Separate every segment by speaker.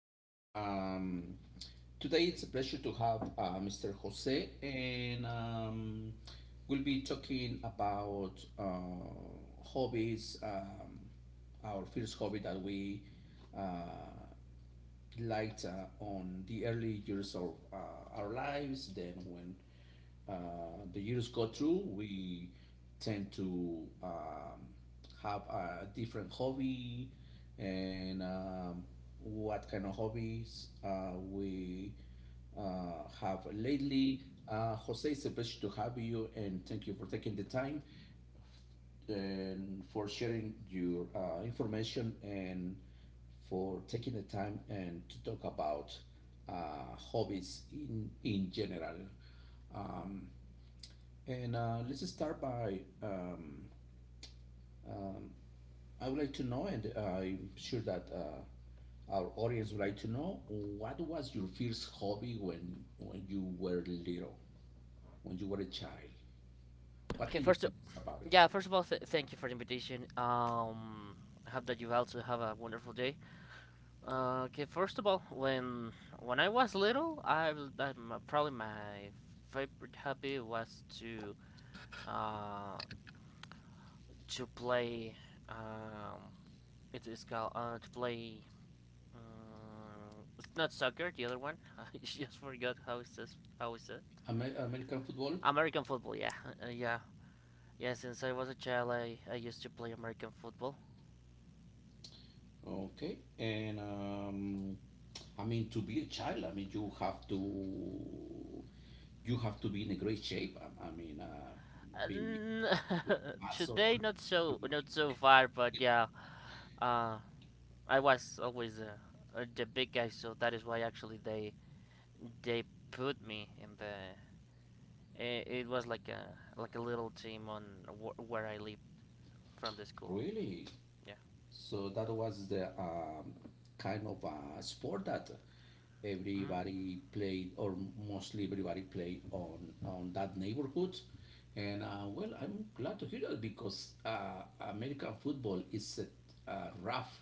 Speaker 1: afternoon. Today it's a pleasure to have Mr. Jose, and we'll be talking about hobbies. Our first hobby that we uh, liked on the early years of our lives, then when the years go through, we tend to have a different hobby and what kind of hobbies we have lately. Jose, it's a pleasure to have you and thank you for taking the time and for sharing your information and for taking the time and to talk about hobbies in general. And let's start by I would like to know, and I'm sure that our audience would like to know, what was your first hobby when you were little, when you were a child? What
Speaker 2: Okay,
Speaker 1: can you
Speaker 2: first,
Speaker 1: tell us about it?
Speaker 2: yeah, first of all, thank you for the invitation. I hope that you also have a wonderful day. Okay, first of all, when I was little, I w- that my, probably my favorite hobby was uh to play um it is called to play it's not soccer the other one I just forgot how it says.
Speaker 1: Amer- American football,
Speaker 2: American football, yeah. uh, yeah yeah, since I was a child I used to play American football.
Speaker 1: okay. And I mean, to be a child, I mean, you have to be in a great shape. I mean,
Speaker 2: Uh,
Speaker 1: be have,
Speaker 2: n-
Speaker 1: like muscle,
Speaker 2: Today,
Speaker 1: be
Speaker 2: not so far, but yeah, uh, I was always the big guy, so that is why actually they put me in the. It was like a little team on where I live, from the school.
Speaker 1: really.
Speaker 2: Yeah.
Speaker 1: So that was the kind of a sport that
Speaker 2: Hmm.
Speaker 1: everybody played, or mostly everybody played on that neighborhood. And well, I'm glad to hear that because American football is a rough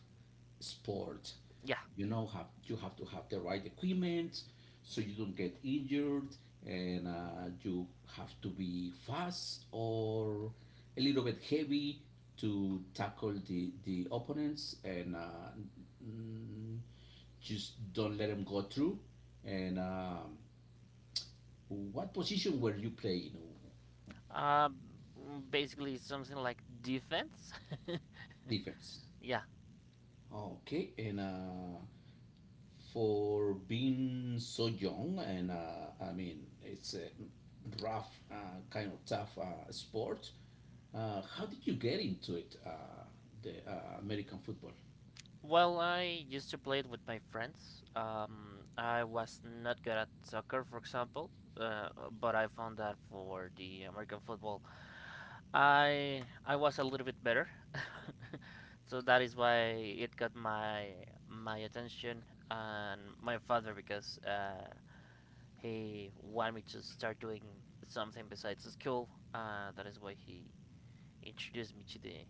Speaker 1: sport.
Speaker 2: Yeah.
Speaker 1: You know, have you have to have the right equipment so you don't get injured and you have to be fast or a little bit heavy to tackle the opponents and mm, just don't let them go through and what position were you playing?
Speaker 2: Um, basically something like defense.
Speaker 1: Defense,
Speaker 2: Yeah.
Speaker 1: okay. And for being so young and I mean it's a rough kind of tough sport. How did you get into it, the American football?
Speaker 2: Well, I used to play it with my friends. I was not good at soccer, for example, but I found that for the American football, I was a little bit better. So that is why it got my attention, and my father, because he wanted me to start doing something besides school. That is why he introduced me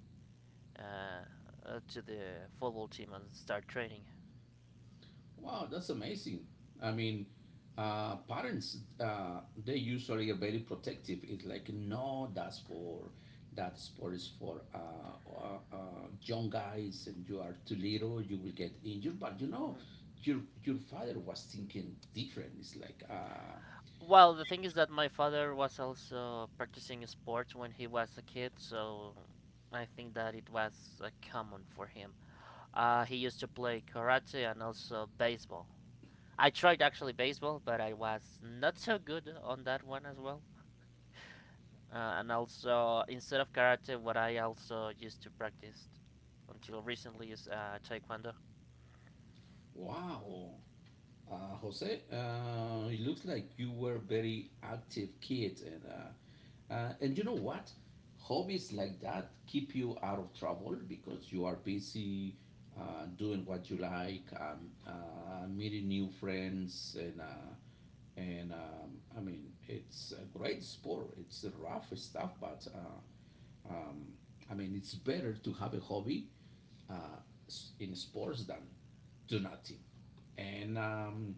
Speaker 2: uh, to the football team and start training.
Speaker 1: Wow, that's amazing. I mean, parents they usually are very protective. It's like no, that's for that sport is for uh, uh, young guys, and you are too little, you will get injured. But you know,
Speaker 2: Mhm.
Speaker 1: your father was thinking different. It's like,
Speaker 2: Well, the thing is that my father was also practicing sports when he was a kid, so I think that it was common for him. He used to play karate and also baseball. I tried actually baseball, but I was not so good on that one as well. And also, instead of karate, what I also used to practice until recently is taekwondo.
Speaker 1: wow. Jose, it looks like you were very active kid, and you know what? Hobbies like that keep you out of trouble because you are busy doing what you like, meeting new friends, and I mean it's a great sport. It's rough stuff, but um, I mean, it's better to have a hobby uh, in sports than do nothing. And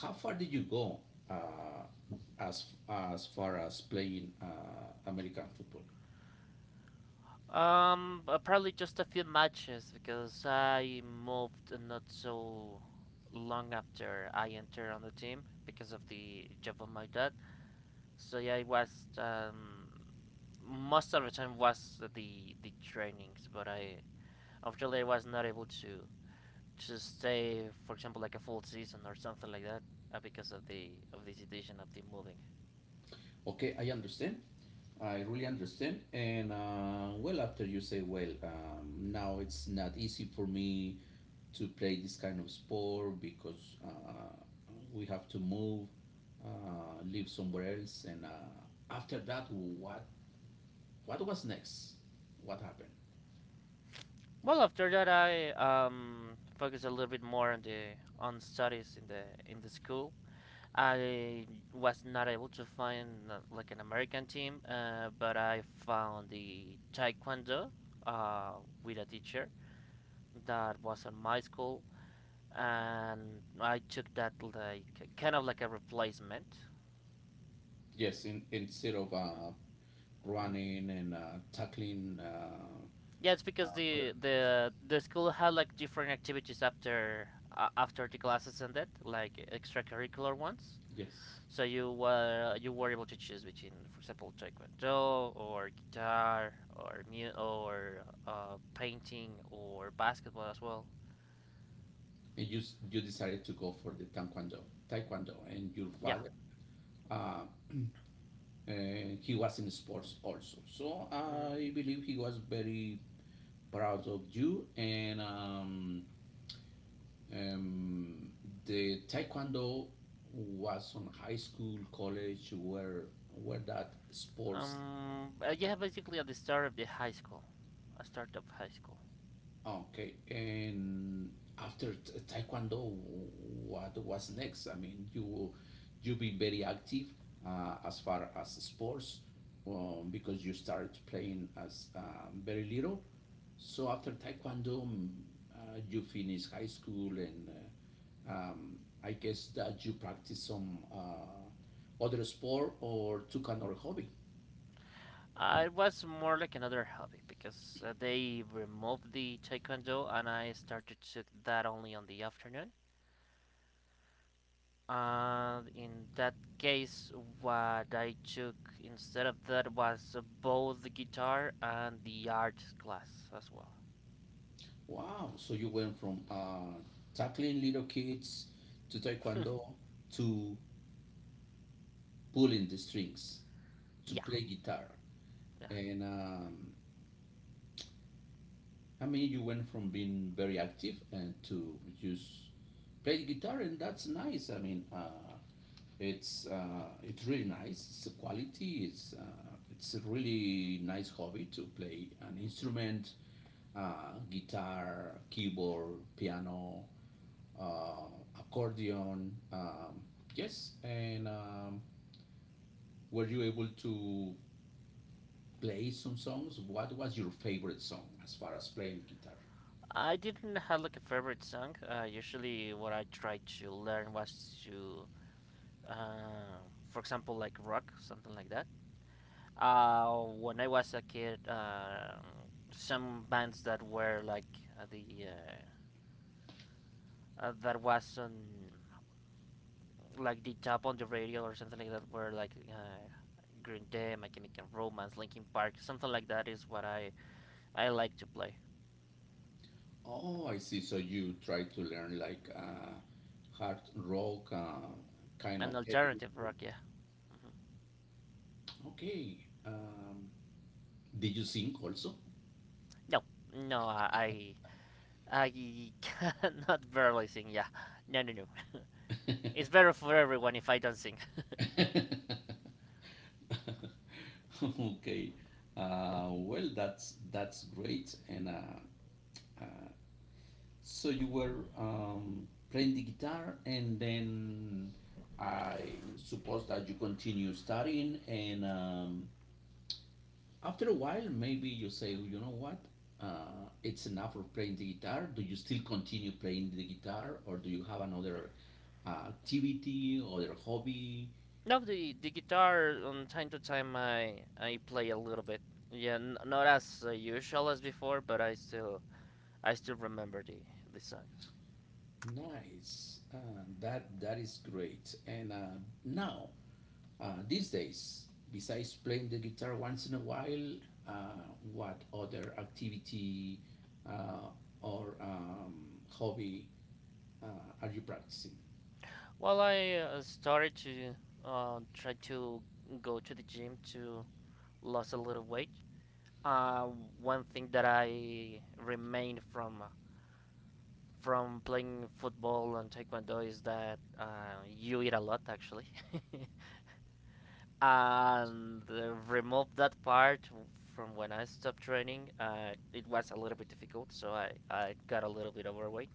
Speaker 1: how far did you go uh, as far as playing American football?
Speaker 2: Probably just a few matches because I moved not so long after I entered on the team because of the job of my dad. So yeah, I was most of the time was the trainings, but I unfortunately I was not able to stay, for example, like a full season or something like that, because of the situation of the moving.
Speaker 1: Okay, I understand. I really understand. And well, after you say, well, now it's not easy for me to play this kind of sport because we have to move, live somewhere else. And after that, what was next? What happened?
Speaker 2: Well, after that, I focused a little bit more on the on studies in the school. I was not able to find like an American team, but I found the taekwondo, uh, with a teacher that was at my school, and I took that like kind of like a replacement.
Speaker 1: Yes, in, instead of
Speaker 2: Hmm. Hmm.
Speaker 1: running and tackling
Speaker 2: Yeah, it's because
Speaker 1: other,
Speaker 2: the school had like different activities after, after the classes ended, like extracurricular ones.
Speaker 1: yes,
Speaker 2: So you were, you were able to choose between, for example, taekwondo or guitar or mu or painting or basketball as well.
Speaker 1: and you s- you decided to go for the taekwondo, taekwondo, and your
Speaker 2: Yeah.
Speaker 1: father uh, he was in sports also. So
Speaker 2: Hmm.
Speaker 1: I believe he was very proud of you. And um, the Taekwondo was on high school, college, where that sports.
Speaker 2: Yeah. Basically, at the start of the high school, I start of high school.
Speaker 1: Okay, and after t- Taekwondo, what was next? I mean, you been very active as far as sports because you started playing as very little. So after Taekwondo, mm, you finished high school, and I guess that you practice some other sport or took another hobby.
Speaker 2: It was more like another hobby because they removed the taekwondo and I started to that only on the afternoon. And in that case, what I took instead of that was both the guitar and the art class as well.
Speaker 1: Wow. So you went from tackling little kids to taekwondo to pulling the strings to
Speaker 2: Yeah,
Speaker 1: play guitar.
Speaker 2: yeah.
Speaker 1: And I mean, you went from being very active and to just play the guitar, and that's nice. I mean, it's really nice. It's a quality. It's a really nice hobby to play an instrument, guitar, keyboard, piano, uh, accordion. Yes, and were you able to play some songs? What was your favorite song as far as playing guitar?
Speaker 2: I didn't have like a favorite song. Usually, what I tried to learn was to, uh, for example, like rock, something like that. When I was a kid, some bands that were like the that was on like the top on the radio or something like that where like Green Day, My Chemical Romance, Linkin Park, something like that is what I like to play.
Speaker 1: Oh, I see. So you try to learn like hard rock, kind
Speaker 2: An
Speaker 1: of heavy
Speaker 2: alternative
Speaker 1: metal.
Speaker 2: rock, yeah. Hmm.
Speaker 1: Okay. Did you sing also?
Speaker 2: No, no, I cannot barely sing. Yeah, no, no, no. It's better for everyone if I don't sing.
Speaker 1: Okay. Well, that's great, and uh, so you were playing the guitar, and then I suppose that you continue studying, and after a while, maybe you say, "Oh, you know what, it's enough of playing the guitar." Do you still continue playing the guitar, or do you have another activity, other hobby?
Speaker 2: No, the guitar on time to time I play a little bit. Yeah, not as usual as before, but I still, I still remember the songs.
Speaker 1: Nice. That that is great. And now, these days, besides playing the guitar once in a while, uh, what other activity uh, or hobby uh, are you practicing?
Speaker 2: Well, I started to try to go to the gym to lose a little weight. Uh, one thing that I remain from, from playing football and taekwondo is that you eat a lot, actually. And remove that part from when I stopped training. It was a little bit difficult, so I got a little bit overweight,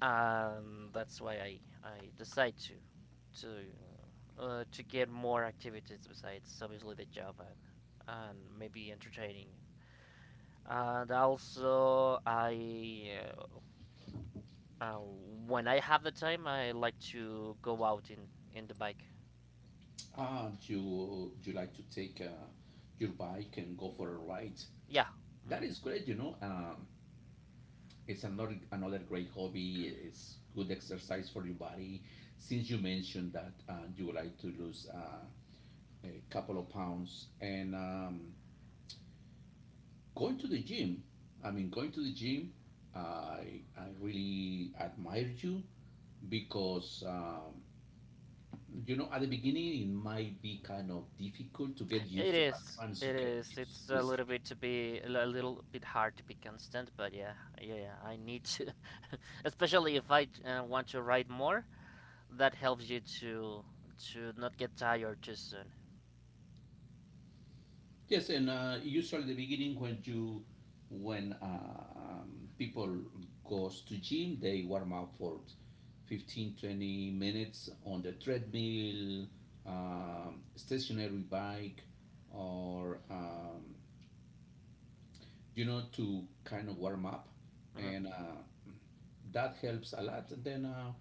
Speaker 2: and that's why I decide to to to get more activities besides obviously the job and maybe entertaining. And also, I when I have the time, I like to go out in the bike.
Speaker 1: You you like to take your bike and go for a ride?
Speaker 2: Yeah,
Speaker 1: That
Speaker 2: mhm.
Speaker 1: is great, you know. It's another another great hobby. It's good exercise for your body. Since you mentioned that you would like to lose a couple of pounds, and going to the gym, I mean, going to the gym, I really admire you because, you know, at the beginning it might be kind of difficult to get
Speaker 2: It
Speaker 1: used to, but
Speaker 2: is.
Speaker 1: once you
Speaker 2: It
Speaker 1: get
Speaker 2: is.
Speaker 1: used
Speaker 2: It's
Speaker 1: to
Speaker 2: a little
Speaker 1: it.
Speaker 2: bit to be a little bit hard to be constant, but yeah, yeah, yeah, I need to, especially if I want to ride more. That helps you to not get tired too soon.
Speaker 1: Yes, and usually at the beginning when you, when people goes to gym, they warm up for 15, 20 minutes on the treadmill, stationary bike, or you know, to kind of warm up,
Speaker 2: Hmm.
Speaker 1: and that helps a lot. And then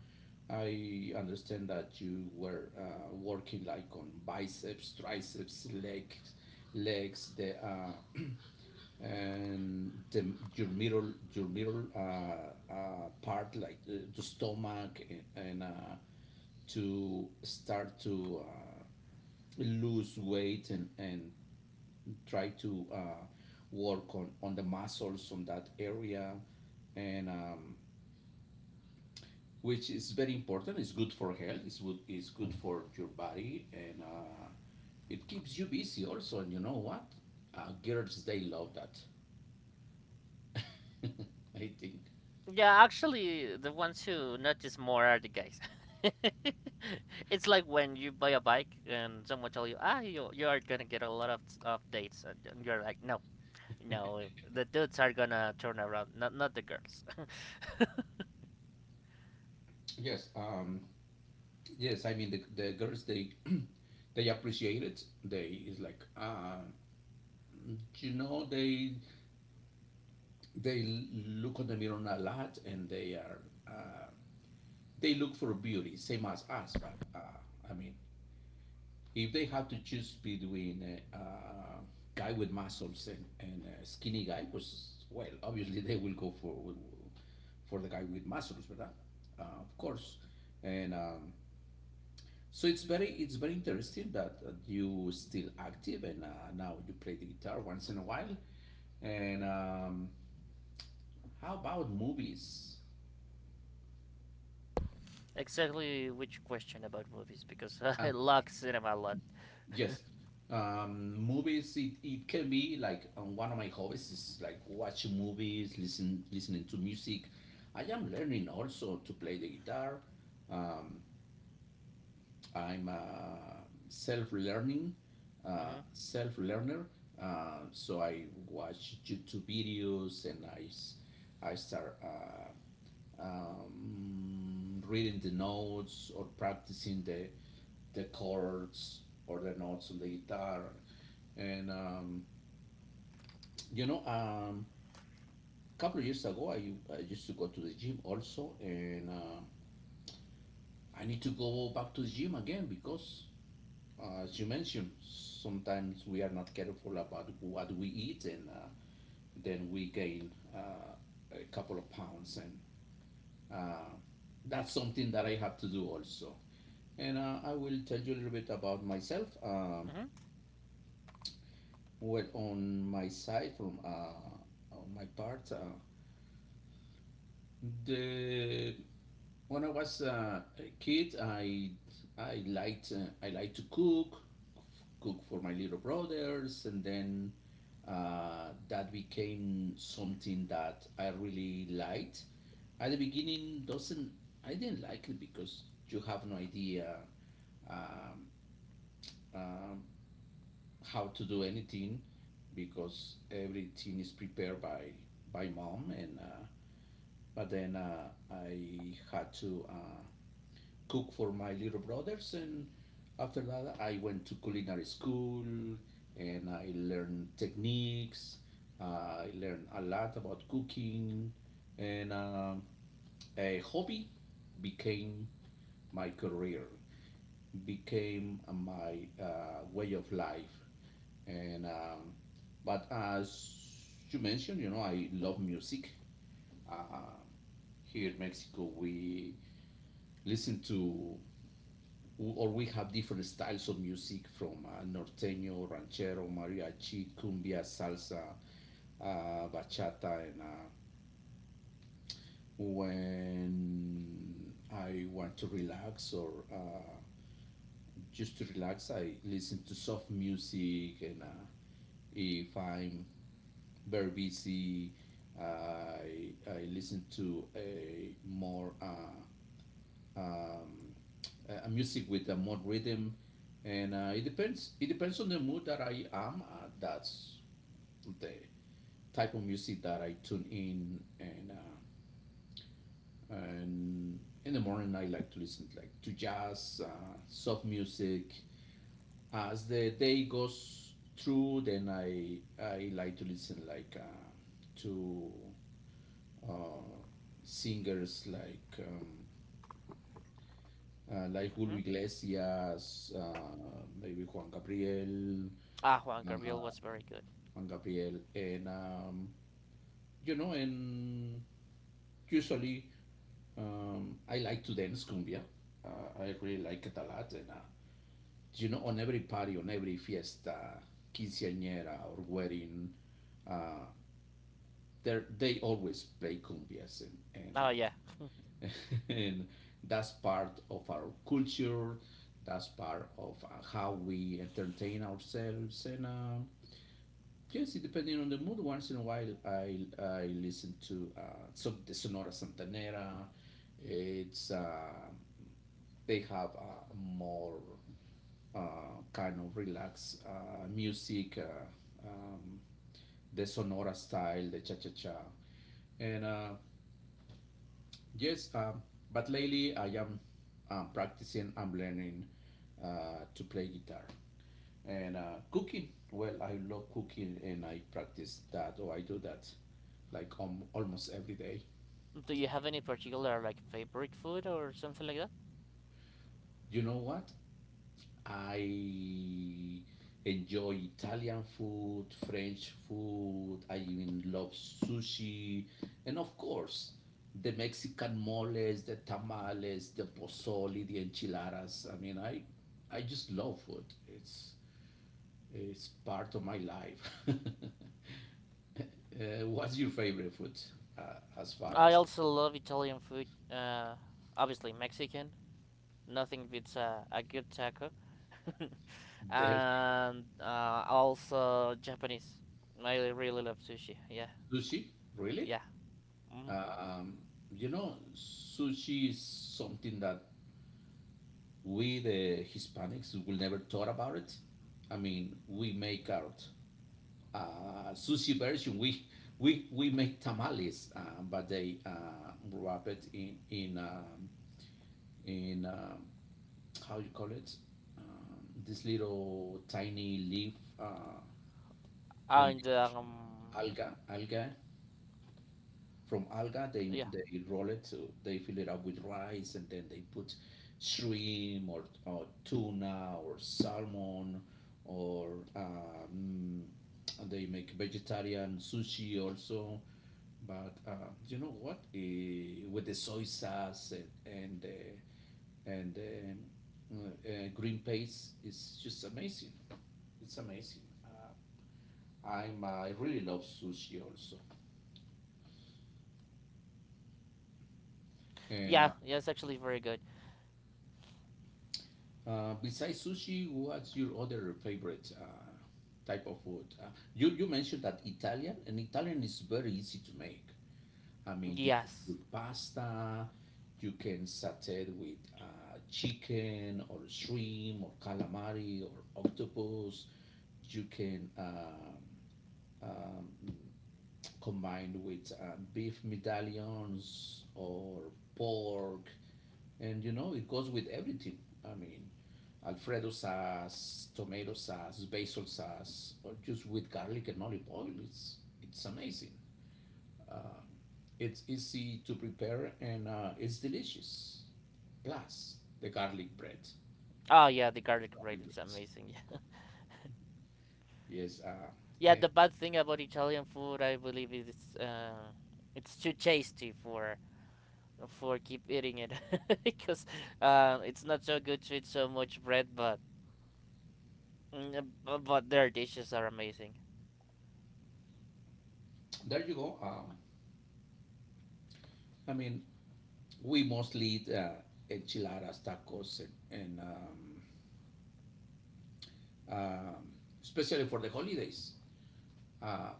Speaker 1: I understand that you were working like on biceps, triceps, legs, legs, the and the, your middle part, like the stomach, and to start to lose weight and try to work on the muscles on that area and which is very important. It's good for health. It's good, it's good for your body and it keeps you busy also. And you know what, girls they love that. I think.
Speaker 2: Yeah, actually, the ones who notice more are the guys. It's like when you buy a bike and someone tell you, ah, you are gonna get a lot of dates, and you're like, no, no, the dudes are gonna turn around, not, not the girls.
Speaker 1: Yes. Yes, I mean the girls, they they appreciate it. They is like you know, they look on the mirror a lot and they are uh, they look for beauty, same as us. But I mean, if they have to choose between a guy with muscles and a skinny guy, was well, obviously they will go for the guy with muscles, verdad? Of course, and so it's very interesting that you still active and now you play the guitar once in a while. And how about movies?
Speaker 2: Exactly, which question about movies? Because
Speaker 1: Uh,
Speaker 2: I love cinema a lot.
Speaker 1: Yes. Movies, it can be like one of my hobbies is like watching movies, listening to music. I am learning also to play the guitar. Um, I'm self-learning,
Speaker 2: Hmm.
Speaker 1: self-learner. So I watch YouTube videos and I start reading the notes or practicing the chords or the notes on the guitar. And um, you know, um, a couple of years ago, I used to go to the gym also, and I need to go back to the gym again because, as you mentioned, sometimes we are not careful about what we eat, and then we gain a couple of pounds, and uh, that's something that I have to do also. And I will tell you a little bit about myself.
Speaker 2: Hmm.
Speaker 1: Well, on my side, from on my part, the when I was a kid, I liked to cook, cook for my little brothers, and then that became something that I really liked. At the beginning, doesn't I didn't like it because you have no idea um, um, how to do anything because everything is prepared by mom and but then I had to cook for my little brothers and after that I went to culinary school and I learned techniques. I learned a lot about cooking and a hobby became my career, became my way of life. And but as you mentioned, you know, I love music. Uh, Here in Mexico, we listen to or we have different styles of music from norteño, ranchero, mariachi, cumbia, salsa, bachata, and when I want to relax or just to relax, I listen to soft music, and if I'm very busy, I listen to a more um, a music with a more rhythm, and it depends. It depends on the mood that I am. That's the type of music that I tune in, and and in the morning I like to listen like to jazz, soft music. As the day goes through, then I like to listen like to uh, singers like Julio
Speaker 2: Hmm.
Speaker 1: Iglesias, maybe Juan Gabriel,
Speaker 2: Ah, Juan Gabriel
Speaker 1: uh,
Speaker 2: was very good.
Speaker 1: Juan Gabriel, and and usually I like to dance cumbia. I really like it a lot, and on every party, on every fiesta, quinceañera or wedding, uh, they always play cumbias, and and
Speaker 2: Oh yeah.
Speaker 1: uh, and that's part of our culture, that's part of how we entertain ourselves, and yes, depending on the mood, once in a while I listen to the Sonora Santanera. It's They have a more kind of relaxed music, the sonora style, the cha-cha-cha, and yes, but lately I am practicing. I'm learning to play guitar, and cooking. Well, I love cooking and I practice that, or I do that like almost every day.
Speaker 2: Do you have any particular like favorite food or something like that?
Speaker 1: You know what? I enjoy Italian food, French food. I even love sushi. And of course, the Mexican moles, the tamales, the pozole, the enchiladas. I mean, I just love food. It's, it's part of my life. What's your favorite food as far
Speaker 2: I
Speaker 1: as
Speaker 2: also love Italian food. Obviously Mexican. Nothing beats a good taco.
Speaker 1: the
Speaker 2: And also Japanese. I really love sushi. Yeah,
Speaker 1: sushi? Really?
Speaker 2: yeah. Hmm.
Speaker 1: Uh, Um, you know, sushi is something that we, the Hispanics, will never thought about it. I mean, we make our sushi version. We make tamales, but they wrap it in in um, how you call it? This little tiny leaf uh, from
Speaker 2: And
Speaker 1: the alga. From alga, they
Speaker 2: yeah,
Speaker 1: they roll it, so they fill it up with rice, and then they put shrimp, or tuna or salmon, or um, they make vegetarian sushi also. But you know what? With the soy sauce, and and uh, and green paste, it's just amazing. It's amazing. I really love sushi also, and
Speaker 2: yeah, yeah. It's actually very good.
Speaker 1: Besides sushi, what's your other favorite type of food? You mentioned that Italian, and Italian is very easy to make. I mean, you cook your
Speaker 2: Yes.
Speaker 1: pasta, you can saute with chicken or shrimp or calamari or octopus. You can um, combined with beef medallions or pork, and you know it goes with everything. I mean, Alfredo sauce, tomato sauce, basil sauce, or just with garlic and olive oil. It's amazing. Uh, it's easy to prepare, and it's delicious. Plus the garlic bread.
Speaker 2: Oh yeah, the garlic bread
Speaker 1: Garlic bread.
Speaker 2: is amazing. Yeah.
Speaker 1: Yes.
Speaker 2: Yeah.
Speaker 1: And
Speaker 2: The bad thing about Italian food, I believe, is it's too tasty for keep eating it because it's not so good to eat so much bread, but mm, but their dishes are amazing.
Speaker 1: there you go. I mean, we mostly eat enchiladas, tacos, and um especially for the holidays. Uh,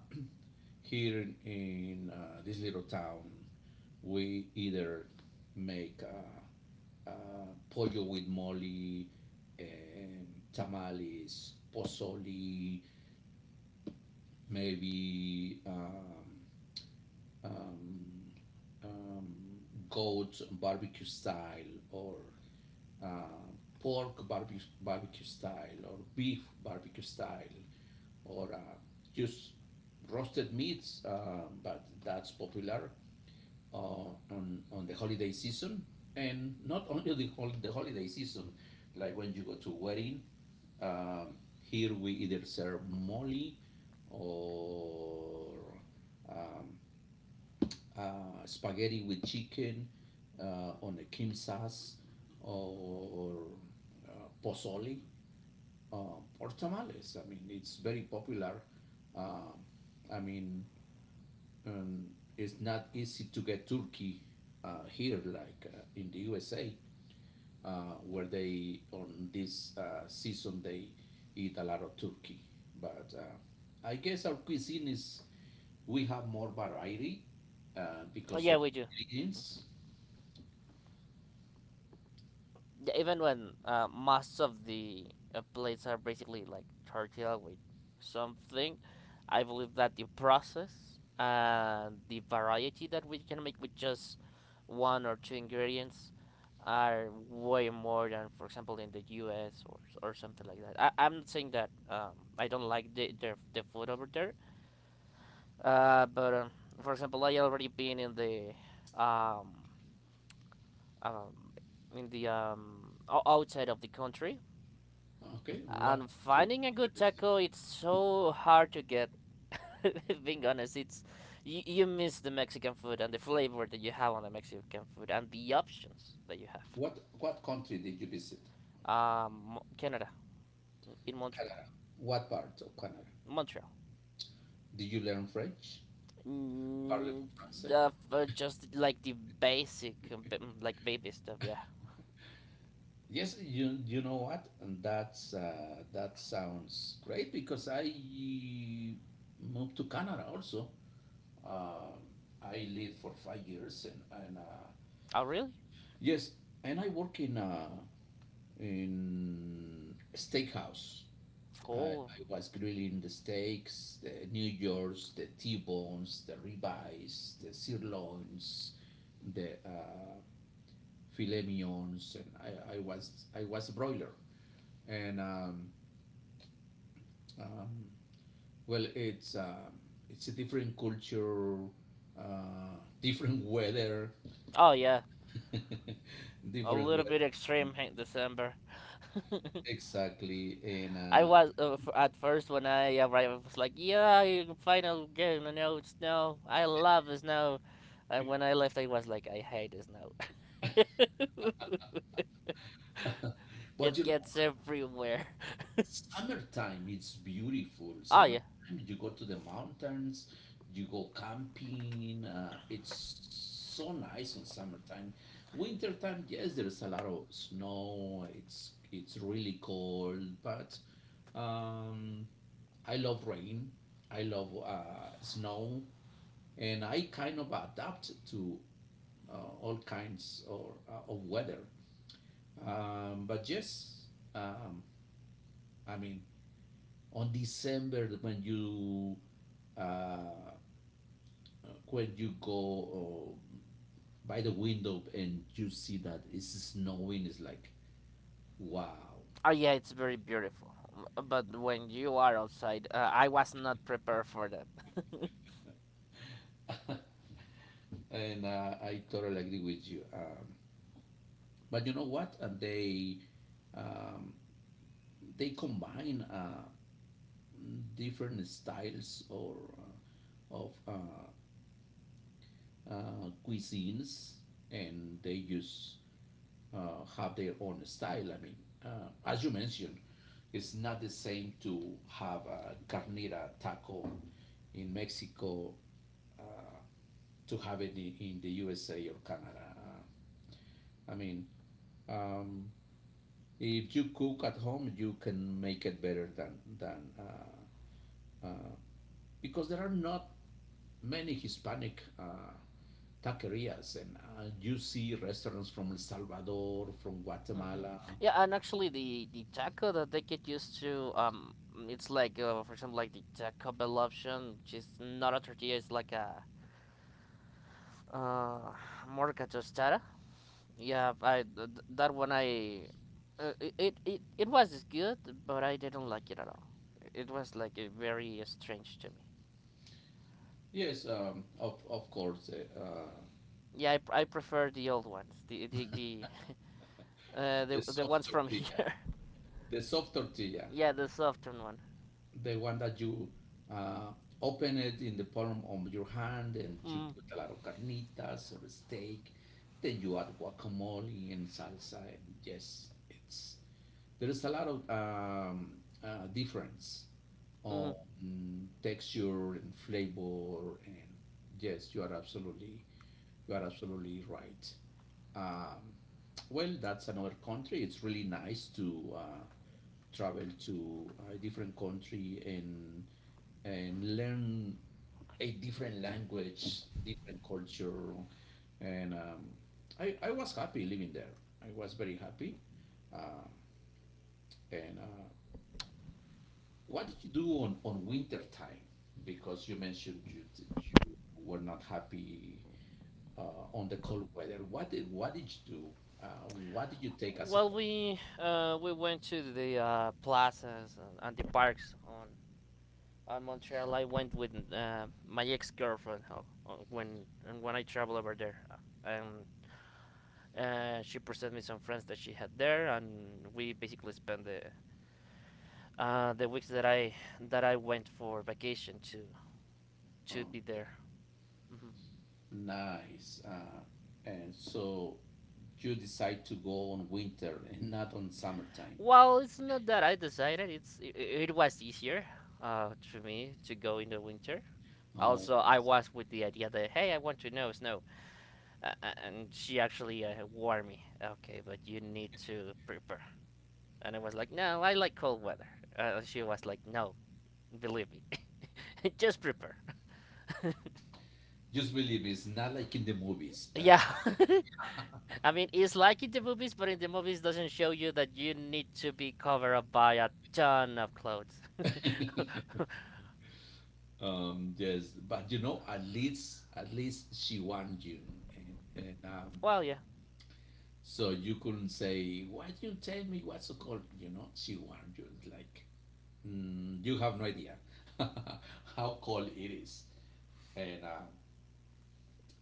Speaker 1: Here in, this little town, we either make pollo with mole, um, tamales, pozole, maybe um, um, goat barbecue style, or uh, pork barbecue, barbecue style, or beef barbecue style, or just roasted meats, but that's popular uh, on the holiday season. And not only the, the holiday season, like when you go to wedding, um, here we either serve mole, or um, spaghetti with chicken on a kimsas, or pozole, uh, or tamales. I mean, it's very popular. Um I mean, um, it's not easy to get turkey here, like in the USA, where they on this season they eat a lot of turkey. But I guess our cuisine is we have more variety
Speaker 2: Oh,
Speaker 1: because
Speaker 2: yeah,
Speaker 1: of
Speaker 2: we do.
Speaker 1: ingredients.
Speaker 2: Yeah, even when most of the plates are basically like tortilla with something, I believe that the process and the variety that we can make with just one or two ingredients are way more than, for example, in the U.S. Or something like that. I'm not saying that I don't like the food over there, but for example, I already been um, um, in the outside of the country.
Speaker 1: Okay, what
Speaker 2: And
Speaker 1: country
Speaker 2: finding a
Speaker 1: did you
Speaker 2: good
Speaker 1: visit?
Speaker 2: taco, it's so hard to get. Being honest, it's, you miss the Mexican food and the flavor that you have on the Mexican food and the options that you have.
Speaker 1: What country did you visit?
Speaker 2: Canada, in Montreal.
Speaker 1: Canada. What part of Canada?
Speaker 2: Montreal.
Speaker 1: Did you learn French?
Speaker 2: Mm,
Speaker 1: Parlez-vous français?
Speaker 2: the, just like the basic, mm, like baby stuff. Yeah.
Speaker 1: Yes, you know what, and that sounds great, because I moved to Canada also. Uh, I lived for 5 years, and
Speaker 2: Oh really?
Speaker 1: yes, and I work in steakhouse.
Speaker 2: Oh.
Speaker 1: I was grilling the steaks, the New Yorks, the T-bones, the ribeyes, the sirloins, the filet mignons, and I was broiler, and Um, well, it's a different culture, different weather,
Speaker 2: Oh yeah. A
Speaker 1: different
Speaker 2: little bit
Speaker 1: weather,
Speaker 2: extreme in December.
Speaker 1: exactly. And
Speaker 2: I was at first when I arrived, I was like, "Yeah, you can final game, you know, snow. I love the snow." And when I left, I was like, "I hate the snow.
Speaker 1: but
Speaker 2: It
Speaker 1: you
Speaker 2: gets everywhere."
Speaker 1: Summertime is beautiful.
Speaker 2: Oh
Speaker 1: Summertime,
Speaker 2: yeah,
Speaker 1: you go to the mountains, you go camping. It's so nice in summertime. Wintertime, yes, there's a lot of snow. It's really cold, but um, I love rain. I love snow, and I kind of adapt to all kinds or of weather. But yes, um, I mean, on December uh, when you go by the window and you see that it's snowing, it's like wow.
Speaker 2: oh yeah, it's very beautiful. But when you are outside, I was not prepared for that.
Speaker 1: And I totally agree with you. But you know what? They um, they combine different styles or of cuisines, and they use have their own style. I mean, as you mentioned, it's not the same to have a carnita taco in Mexico to have it in the USA or Canada. I mean, um, if you cook at home, you can make it better than uh, because there are not many Hispanic taquerias, and you see restaurants from El Salvador, from
Speaker 2: Hmm.
Speaker 1: Guatemala.
Speaker 2: Yeah, and actually, the taco that they get used to, it's like for example, like the Taco Bell option, which is not a tortilla, it's like a, uh, more like a tostada. Yeah, that one I, it, it it was good, but I didn't like it at all. It was like very strange to me.
Speaker 1: Yes, of course,
Speaker 2: Yeah, I prefer the old ones, the
Speaker 1: the
Speaker 2: the
Speaker 1: soft
Speaker 2: ones from
Speaker 1: tortilla.
Speaker 2: here.
Speaker 1: The soft tortilla,
Speaker 2: Yeah, the Southern one.
Speaker 1: the one that you uh, open it in the palm of your hand, and you
Speaker 2: Mm,
Speaker 1: put a lot of carnitas or steak. Then you add guacamole and salsa, and yes, it's there is a lot of difference
Speaker 2: mm.
Speaker 1: on texture and flavor, and yes, you are absolutely right. Um, well, that's another country. It's really nice to travel to a different country and learn a different language, different culture, and I was happy living there. I was very happy. Um and What did you do on winter time? Because you mentioned you were not happy on the cold weather. What did you do? What did you take as a
Speaker 2: Well,
Speaker 1: hobby?
Speaker 2: we went to the plazas and the parks on Montreal. I went with my ex girlfriend, when, and when I travel over there. Um, uh, she presented me some friends that she had there, and we basically spent the, the weeks that I, that I went for vacation to
Speaker 1: Um,
Speaker 2: be there. Hmm.
Speaker 1: Nice. And so you decide to go on winter and not on summertime.
Speaker 2: Well, it's not that I decided. It's it, it was easier, to me to go in the winter.
Speaker 1: Oh,
Speaker 2: Also, I was with the idea that hey, I want to know snow, and she actually warned me. Okay, but you need to prepare. And I was like, no, I like cold weather. She was like, no, believe me, just prepare.
Speaker 1: just believe me, it's not like in the movies.
Speaker 2: Yeah. I mean, it's like in the movies, but in the movies doesn't show you that you need to be covered up by a ton of clothes.
Speaker 1: Yes, but you know, at least she wants you, and
Speaker 2: Well, yeah.
Speaker 1: so you couldn't say, why did you tell me what's so cold? You know, she wants you. It's like, mm, you have no idea how cold it is, and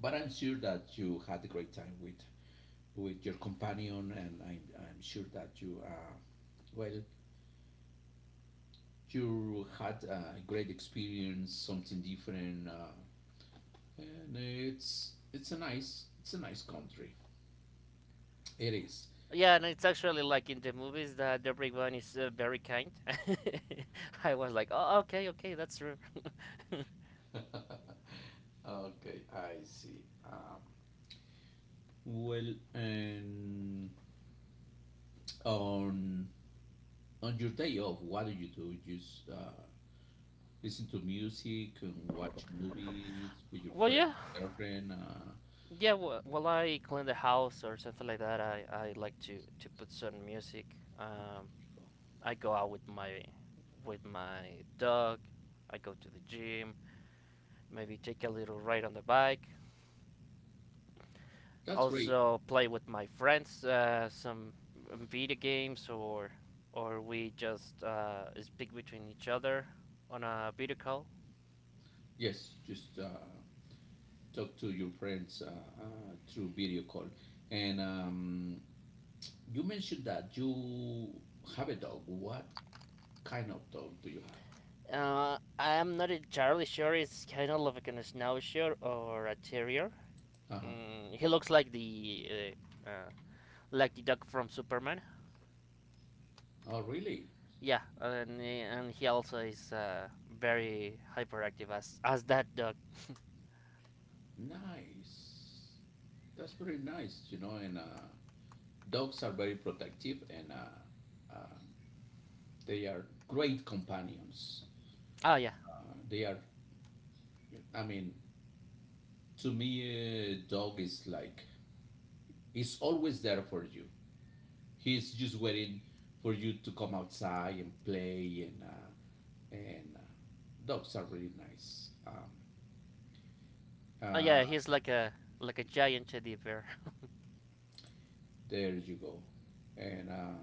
Speaker 1: but I'm sure that you had a great time with your companion, and I'm sure that you well you had a great experience, something different, and it's a nice country. It is.
Speaker 2: Yeah, and it's actually like in the movies that everyone is very kind. I was like, oh, okay, okay, that's true.
Speaker 1: Okay, I see. Well, and on on your day off, what do you do? Just listen to music and watch movies with your
Speaker 2: Well,
Speaker 1: friend,
Speaker 2: yeah,
Speaker 1: girlfriend.
Speaker 2: yeah. Well, while I clean the house or something like that, I like to put some music.
Speaker 1: You go.
Speaker 2: I go out with my, with my dog. I go to the gym. Maybe take a little ride on the bike.
Speaker 1: That's great.
Speaker 2: Also play with my friends, some video games or we just speak between each other on a video call.
Speaker 1: Yes, just talk to your friends through video call. And you mentioned that you have a dog. What kind of dog do you have?
Speaker 2: I am not entirely sure. It's kind of like a schnauzer or a terrier.
Speaker 1: Uh-huh.
Speaker 2: Mm, he looks uh, uh, like the dog from Superman.
Speaker 1: Oh, really?
Speaker 2: Yeah, and he also is very hyperactive as that dog.
Speaker 1: Nice. That's very nice, you know. And dogs are very protective, and they are great companions.
Speaker 2: Oh yeah,
Speaker 1: They are, I mean, to me, a dog is like, it's always there for you. He's just waiting for you to come outside and play, and and uh, dogs are really nice.
Speaker 2: oh yeah,
Speaker 1: Uh,
Speaker 2: he's like a, like a giant teddy bear.
Speaker 1: there you go, and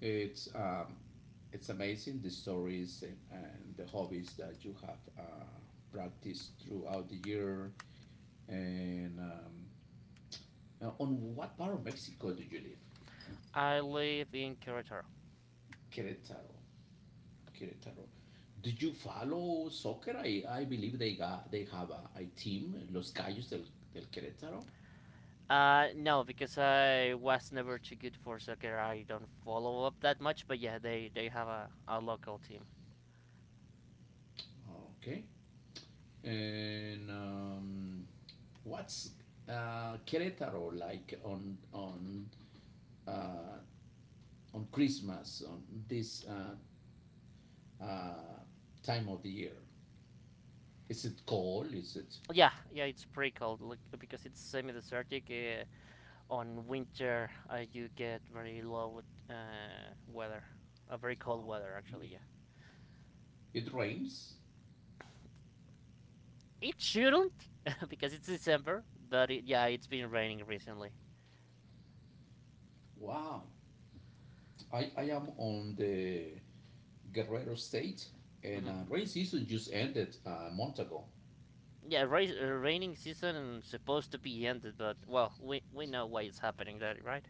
Speaker 1: it's um, it's amazing, the stories and the hobbies that you have practiced throughout the year. And on what part of Mexico do you live?
Speaker 2: I live in Querétaro.
Speaker 1: Querétaro. Querétaro. Did you follow soccer? I believe they have a team, Los Gallos del, del Querétaro.
Speaker 2: No, because I was never too good for soccer. I don't follow up that much, but yeah, they have a local team.
Speaker 1: Okay. And what's Querétaro like uh, on Christmas, on this uh, time of the year? Is it cold? Is it?
Speaker 2: Yeah, yeah, it's pretty cold look, because it's semi-desertic. On winter, you get very low, weather, a, very cold
Speaker 1: Oh,
Speaker 2: weather actually.
Speaker 1: really?
Speaker 2: Yeah,
Speaker 1: It rains.
Speaker 2: it shouldn't because it's December, but it, yeah, it's been raining recently.
Speaker 1: Wow. I am on the Guerrero State, and
Speaker 2: Hmm.
Speaker 1: rain season just ended a month ago.
Speaker 2: Yeah, raining season supposed to be ended, but well, we know why it's happening, that right?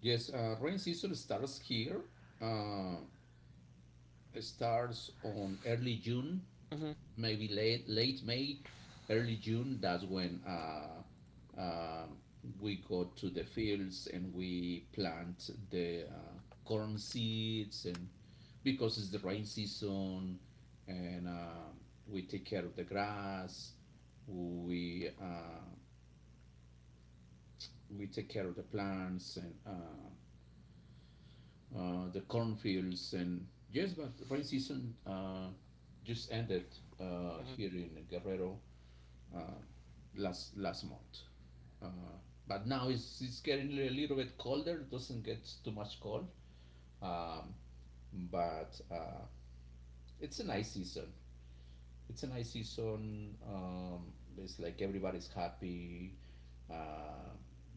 Speaker 1: Yes, rain season starts here. Uh, it starts on early June,
Speaker 2: Hmm.
Speaker 1: maybe late May, early June. That's when we go to the fields and we plant the corn seeds, and because it's the rain season, and we take care of the grass. We uh, we take care of the plants and the cornfields, and yes, but rain season just ended
Speaker 2: Hmm.
Speaker 1: here in Guerrero uh, last month. Uh, but now it's getting a little bit colder. It doesn't get too much cold, um, but it's a nice season. it's a nice season. It's like everybody's happy. Uh,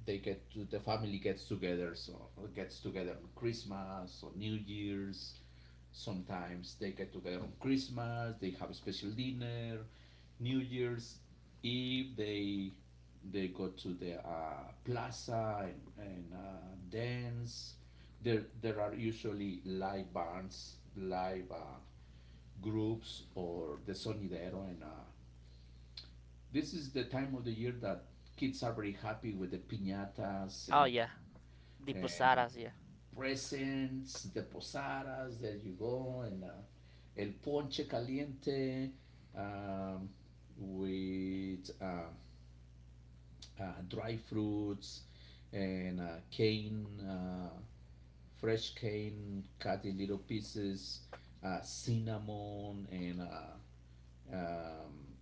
Speaker 1: they get to, the family gets together. So gets together on Christmas or New Year's. Sometimes they get together on Christmas. They have a special dinner. New Year's Eve they go to the plaza and dance. There are usually live bands, live. Groups or the sonidero, and this is the time of the year that kids are very happy with the piñatas
Speaker 2: Oh yeah, the
Speaker 1: and
Speaker 2: posadas. Yeah.
Speaker 1: presents, the posadas, there you go, and el ponche caliente, um, with dry fruits, and cane, fresh cane cut in little pieces, cinnamon, and uh, um,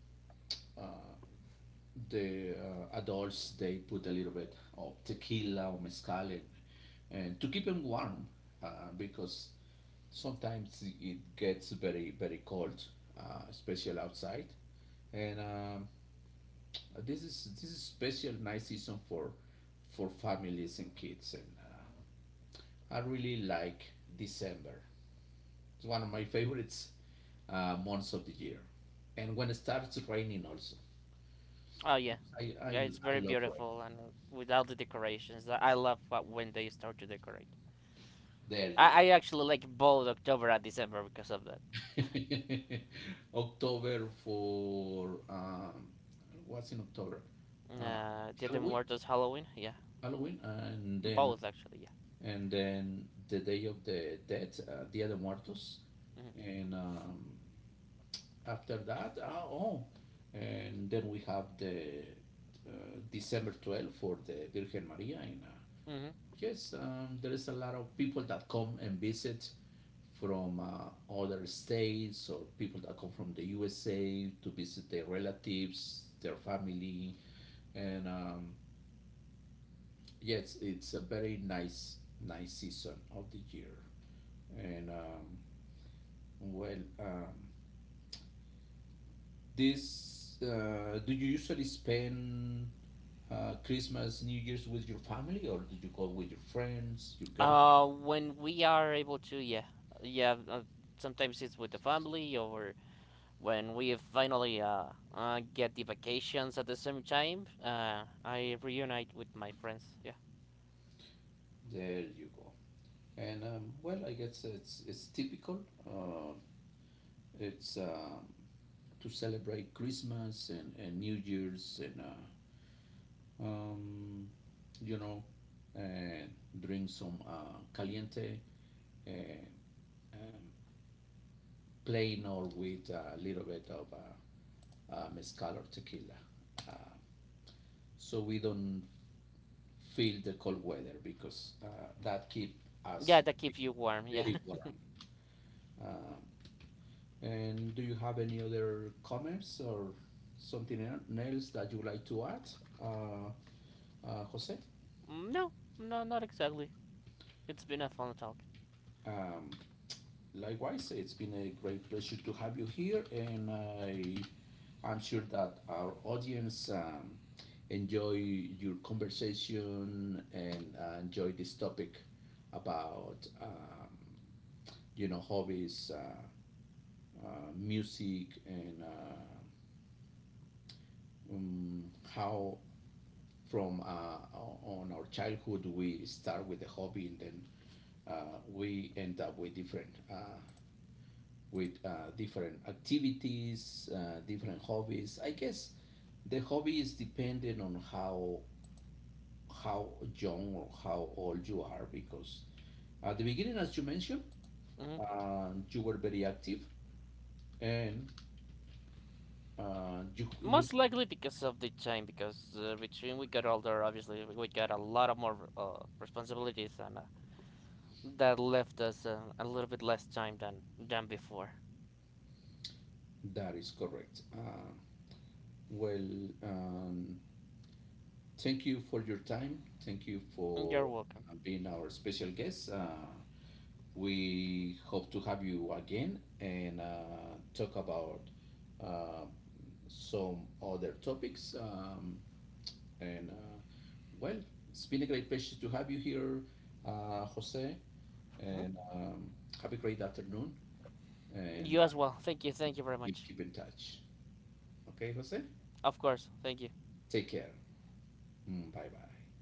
Speaker 1: the adults they put a little bit of tequila or mezcal in, and to keep them warm uh, because sometimes it gets very cold, especially outside. And this is special nice season for families and kids. And I really like December. It's one of my favorites months of the year. And when it starts raining also,
Speaker 2: Oh yeah.
Speaker 1: because
Speaker 2: Yeah, it's
Speaker 1: I
Speaker 2: very
Speaker 1: love rain.
Speaker 2: beautiful and without the decorations. I love what, when they start to decorate.
Speaker 1: There you
Speaker 2: I actually like both October and December because of that.
Speaker 1: October for what's in October? Uh,
Speaker 2: Dia de
Speaker 1: Halloween,
Speaker 2: Muertos, Halloween. Yeah,
Speaker 1: Halloween,
Speaker 2: both actually.
Speaker 1: and then the Day of the Dead, Dia de Muertos,
Speaker 2: Yeah.
Speaker 1: and after that, and then we have the uh, December 12 for the Virgin Maria. And
Speaker 2: Hmm. Hmm.
Speaker 1: yes, there is a lot of people that come and visit from other states, or people that come from the USA to visit their relatives, their family, and yes, it's a very nice, nice season of the year. And well, this do you usually spend Christmas, New Year's with your family, or do you go with your friends, your girlfriend?
Speaker 2: When we are able to, yeah, yeah. Sometimes it's with the family or when we finally get the vacations at the same time. I reunite with my friends. Yeah.
Speaker 1: There you go. And well, I guess it's typical. Uh, it's to celebrate Christmas and New Year's, and um, you know, uh, drink some caliente, uh, um, plain or with a little bit of mezcal or tequila, uh, so we don't feel the cold weather, because that keep us
Speaker 2: Yeah, that keeps you warm. Yeah.
Speaker 1: very warm. Um, and do you have any other comments or something else that you would like to add, uh, Jose?
Speaker 2: No, no, not exactly. It's been a fun talk.
Speaker 1: Um, Likewise, it's been a great pleasure to have you here, and I'm sure that our audience enjoy your conversation, and enjoy this topic about you know, hobbies, music, and um, how from on our childhood we start with a hobby, and then we end up with different activities, different hobbies. I guess the hobby is dependent on how young or how old you are, because at the beginning, as you mentioned,
Speaker 2: Hmm.
Speaker 1: you were very active, and you, it
Speaker 2: Most
Speaker 1: looks
Speaker 2: likely because of the time, because between we got older, obviously we got a lot of more responsibilities, and that left us a little bit less time than before.
Speaker 1: that is correct. Well, thank you for your time. Thank you for
Speaker 2: You're welcome.
Speaker 1: being our special guest. We hope to have you again, and talk about uh, some other topics. And Well, it's been a great pleasure to have you here, Jose.
Speaker 2: Mhm.
Speaker 1: And have a great afternoon. And
Speaker 2: You as well. Thank you. Thank you very
Speaker 1: we'll
Speaker 2: much.
Speaker 1: keep in touch. Okay, Jose?
Speaker 2: Of course. Thank you.
Speaker 1: Take care. Mm, bye bye.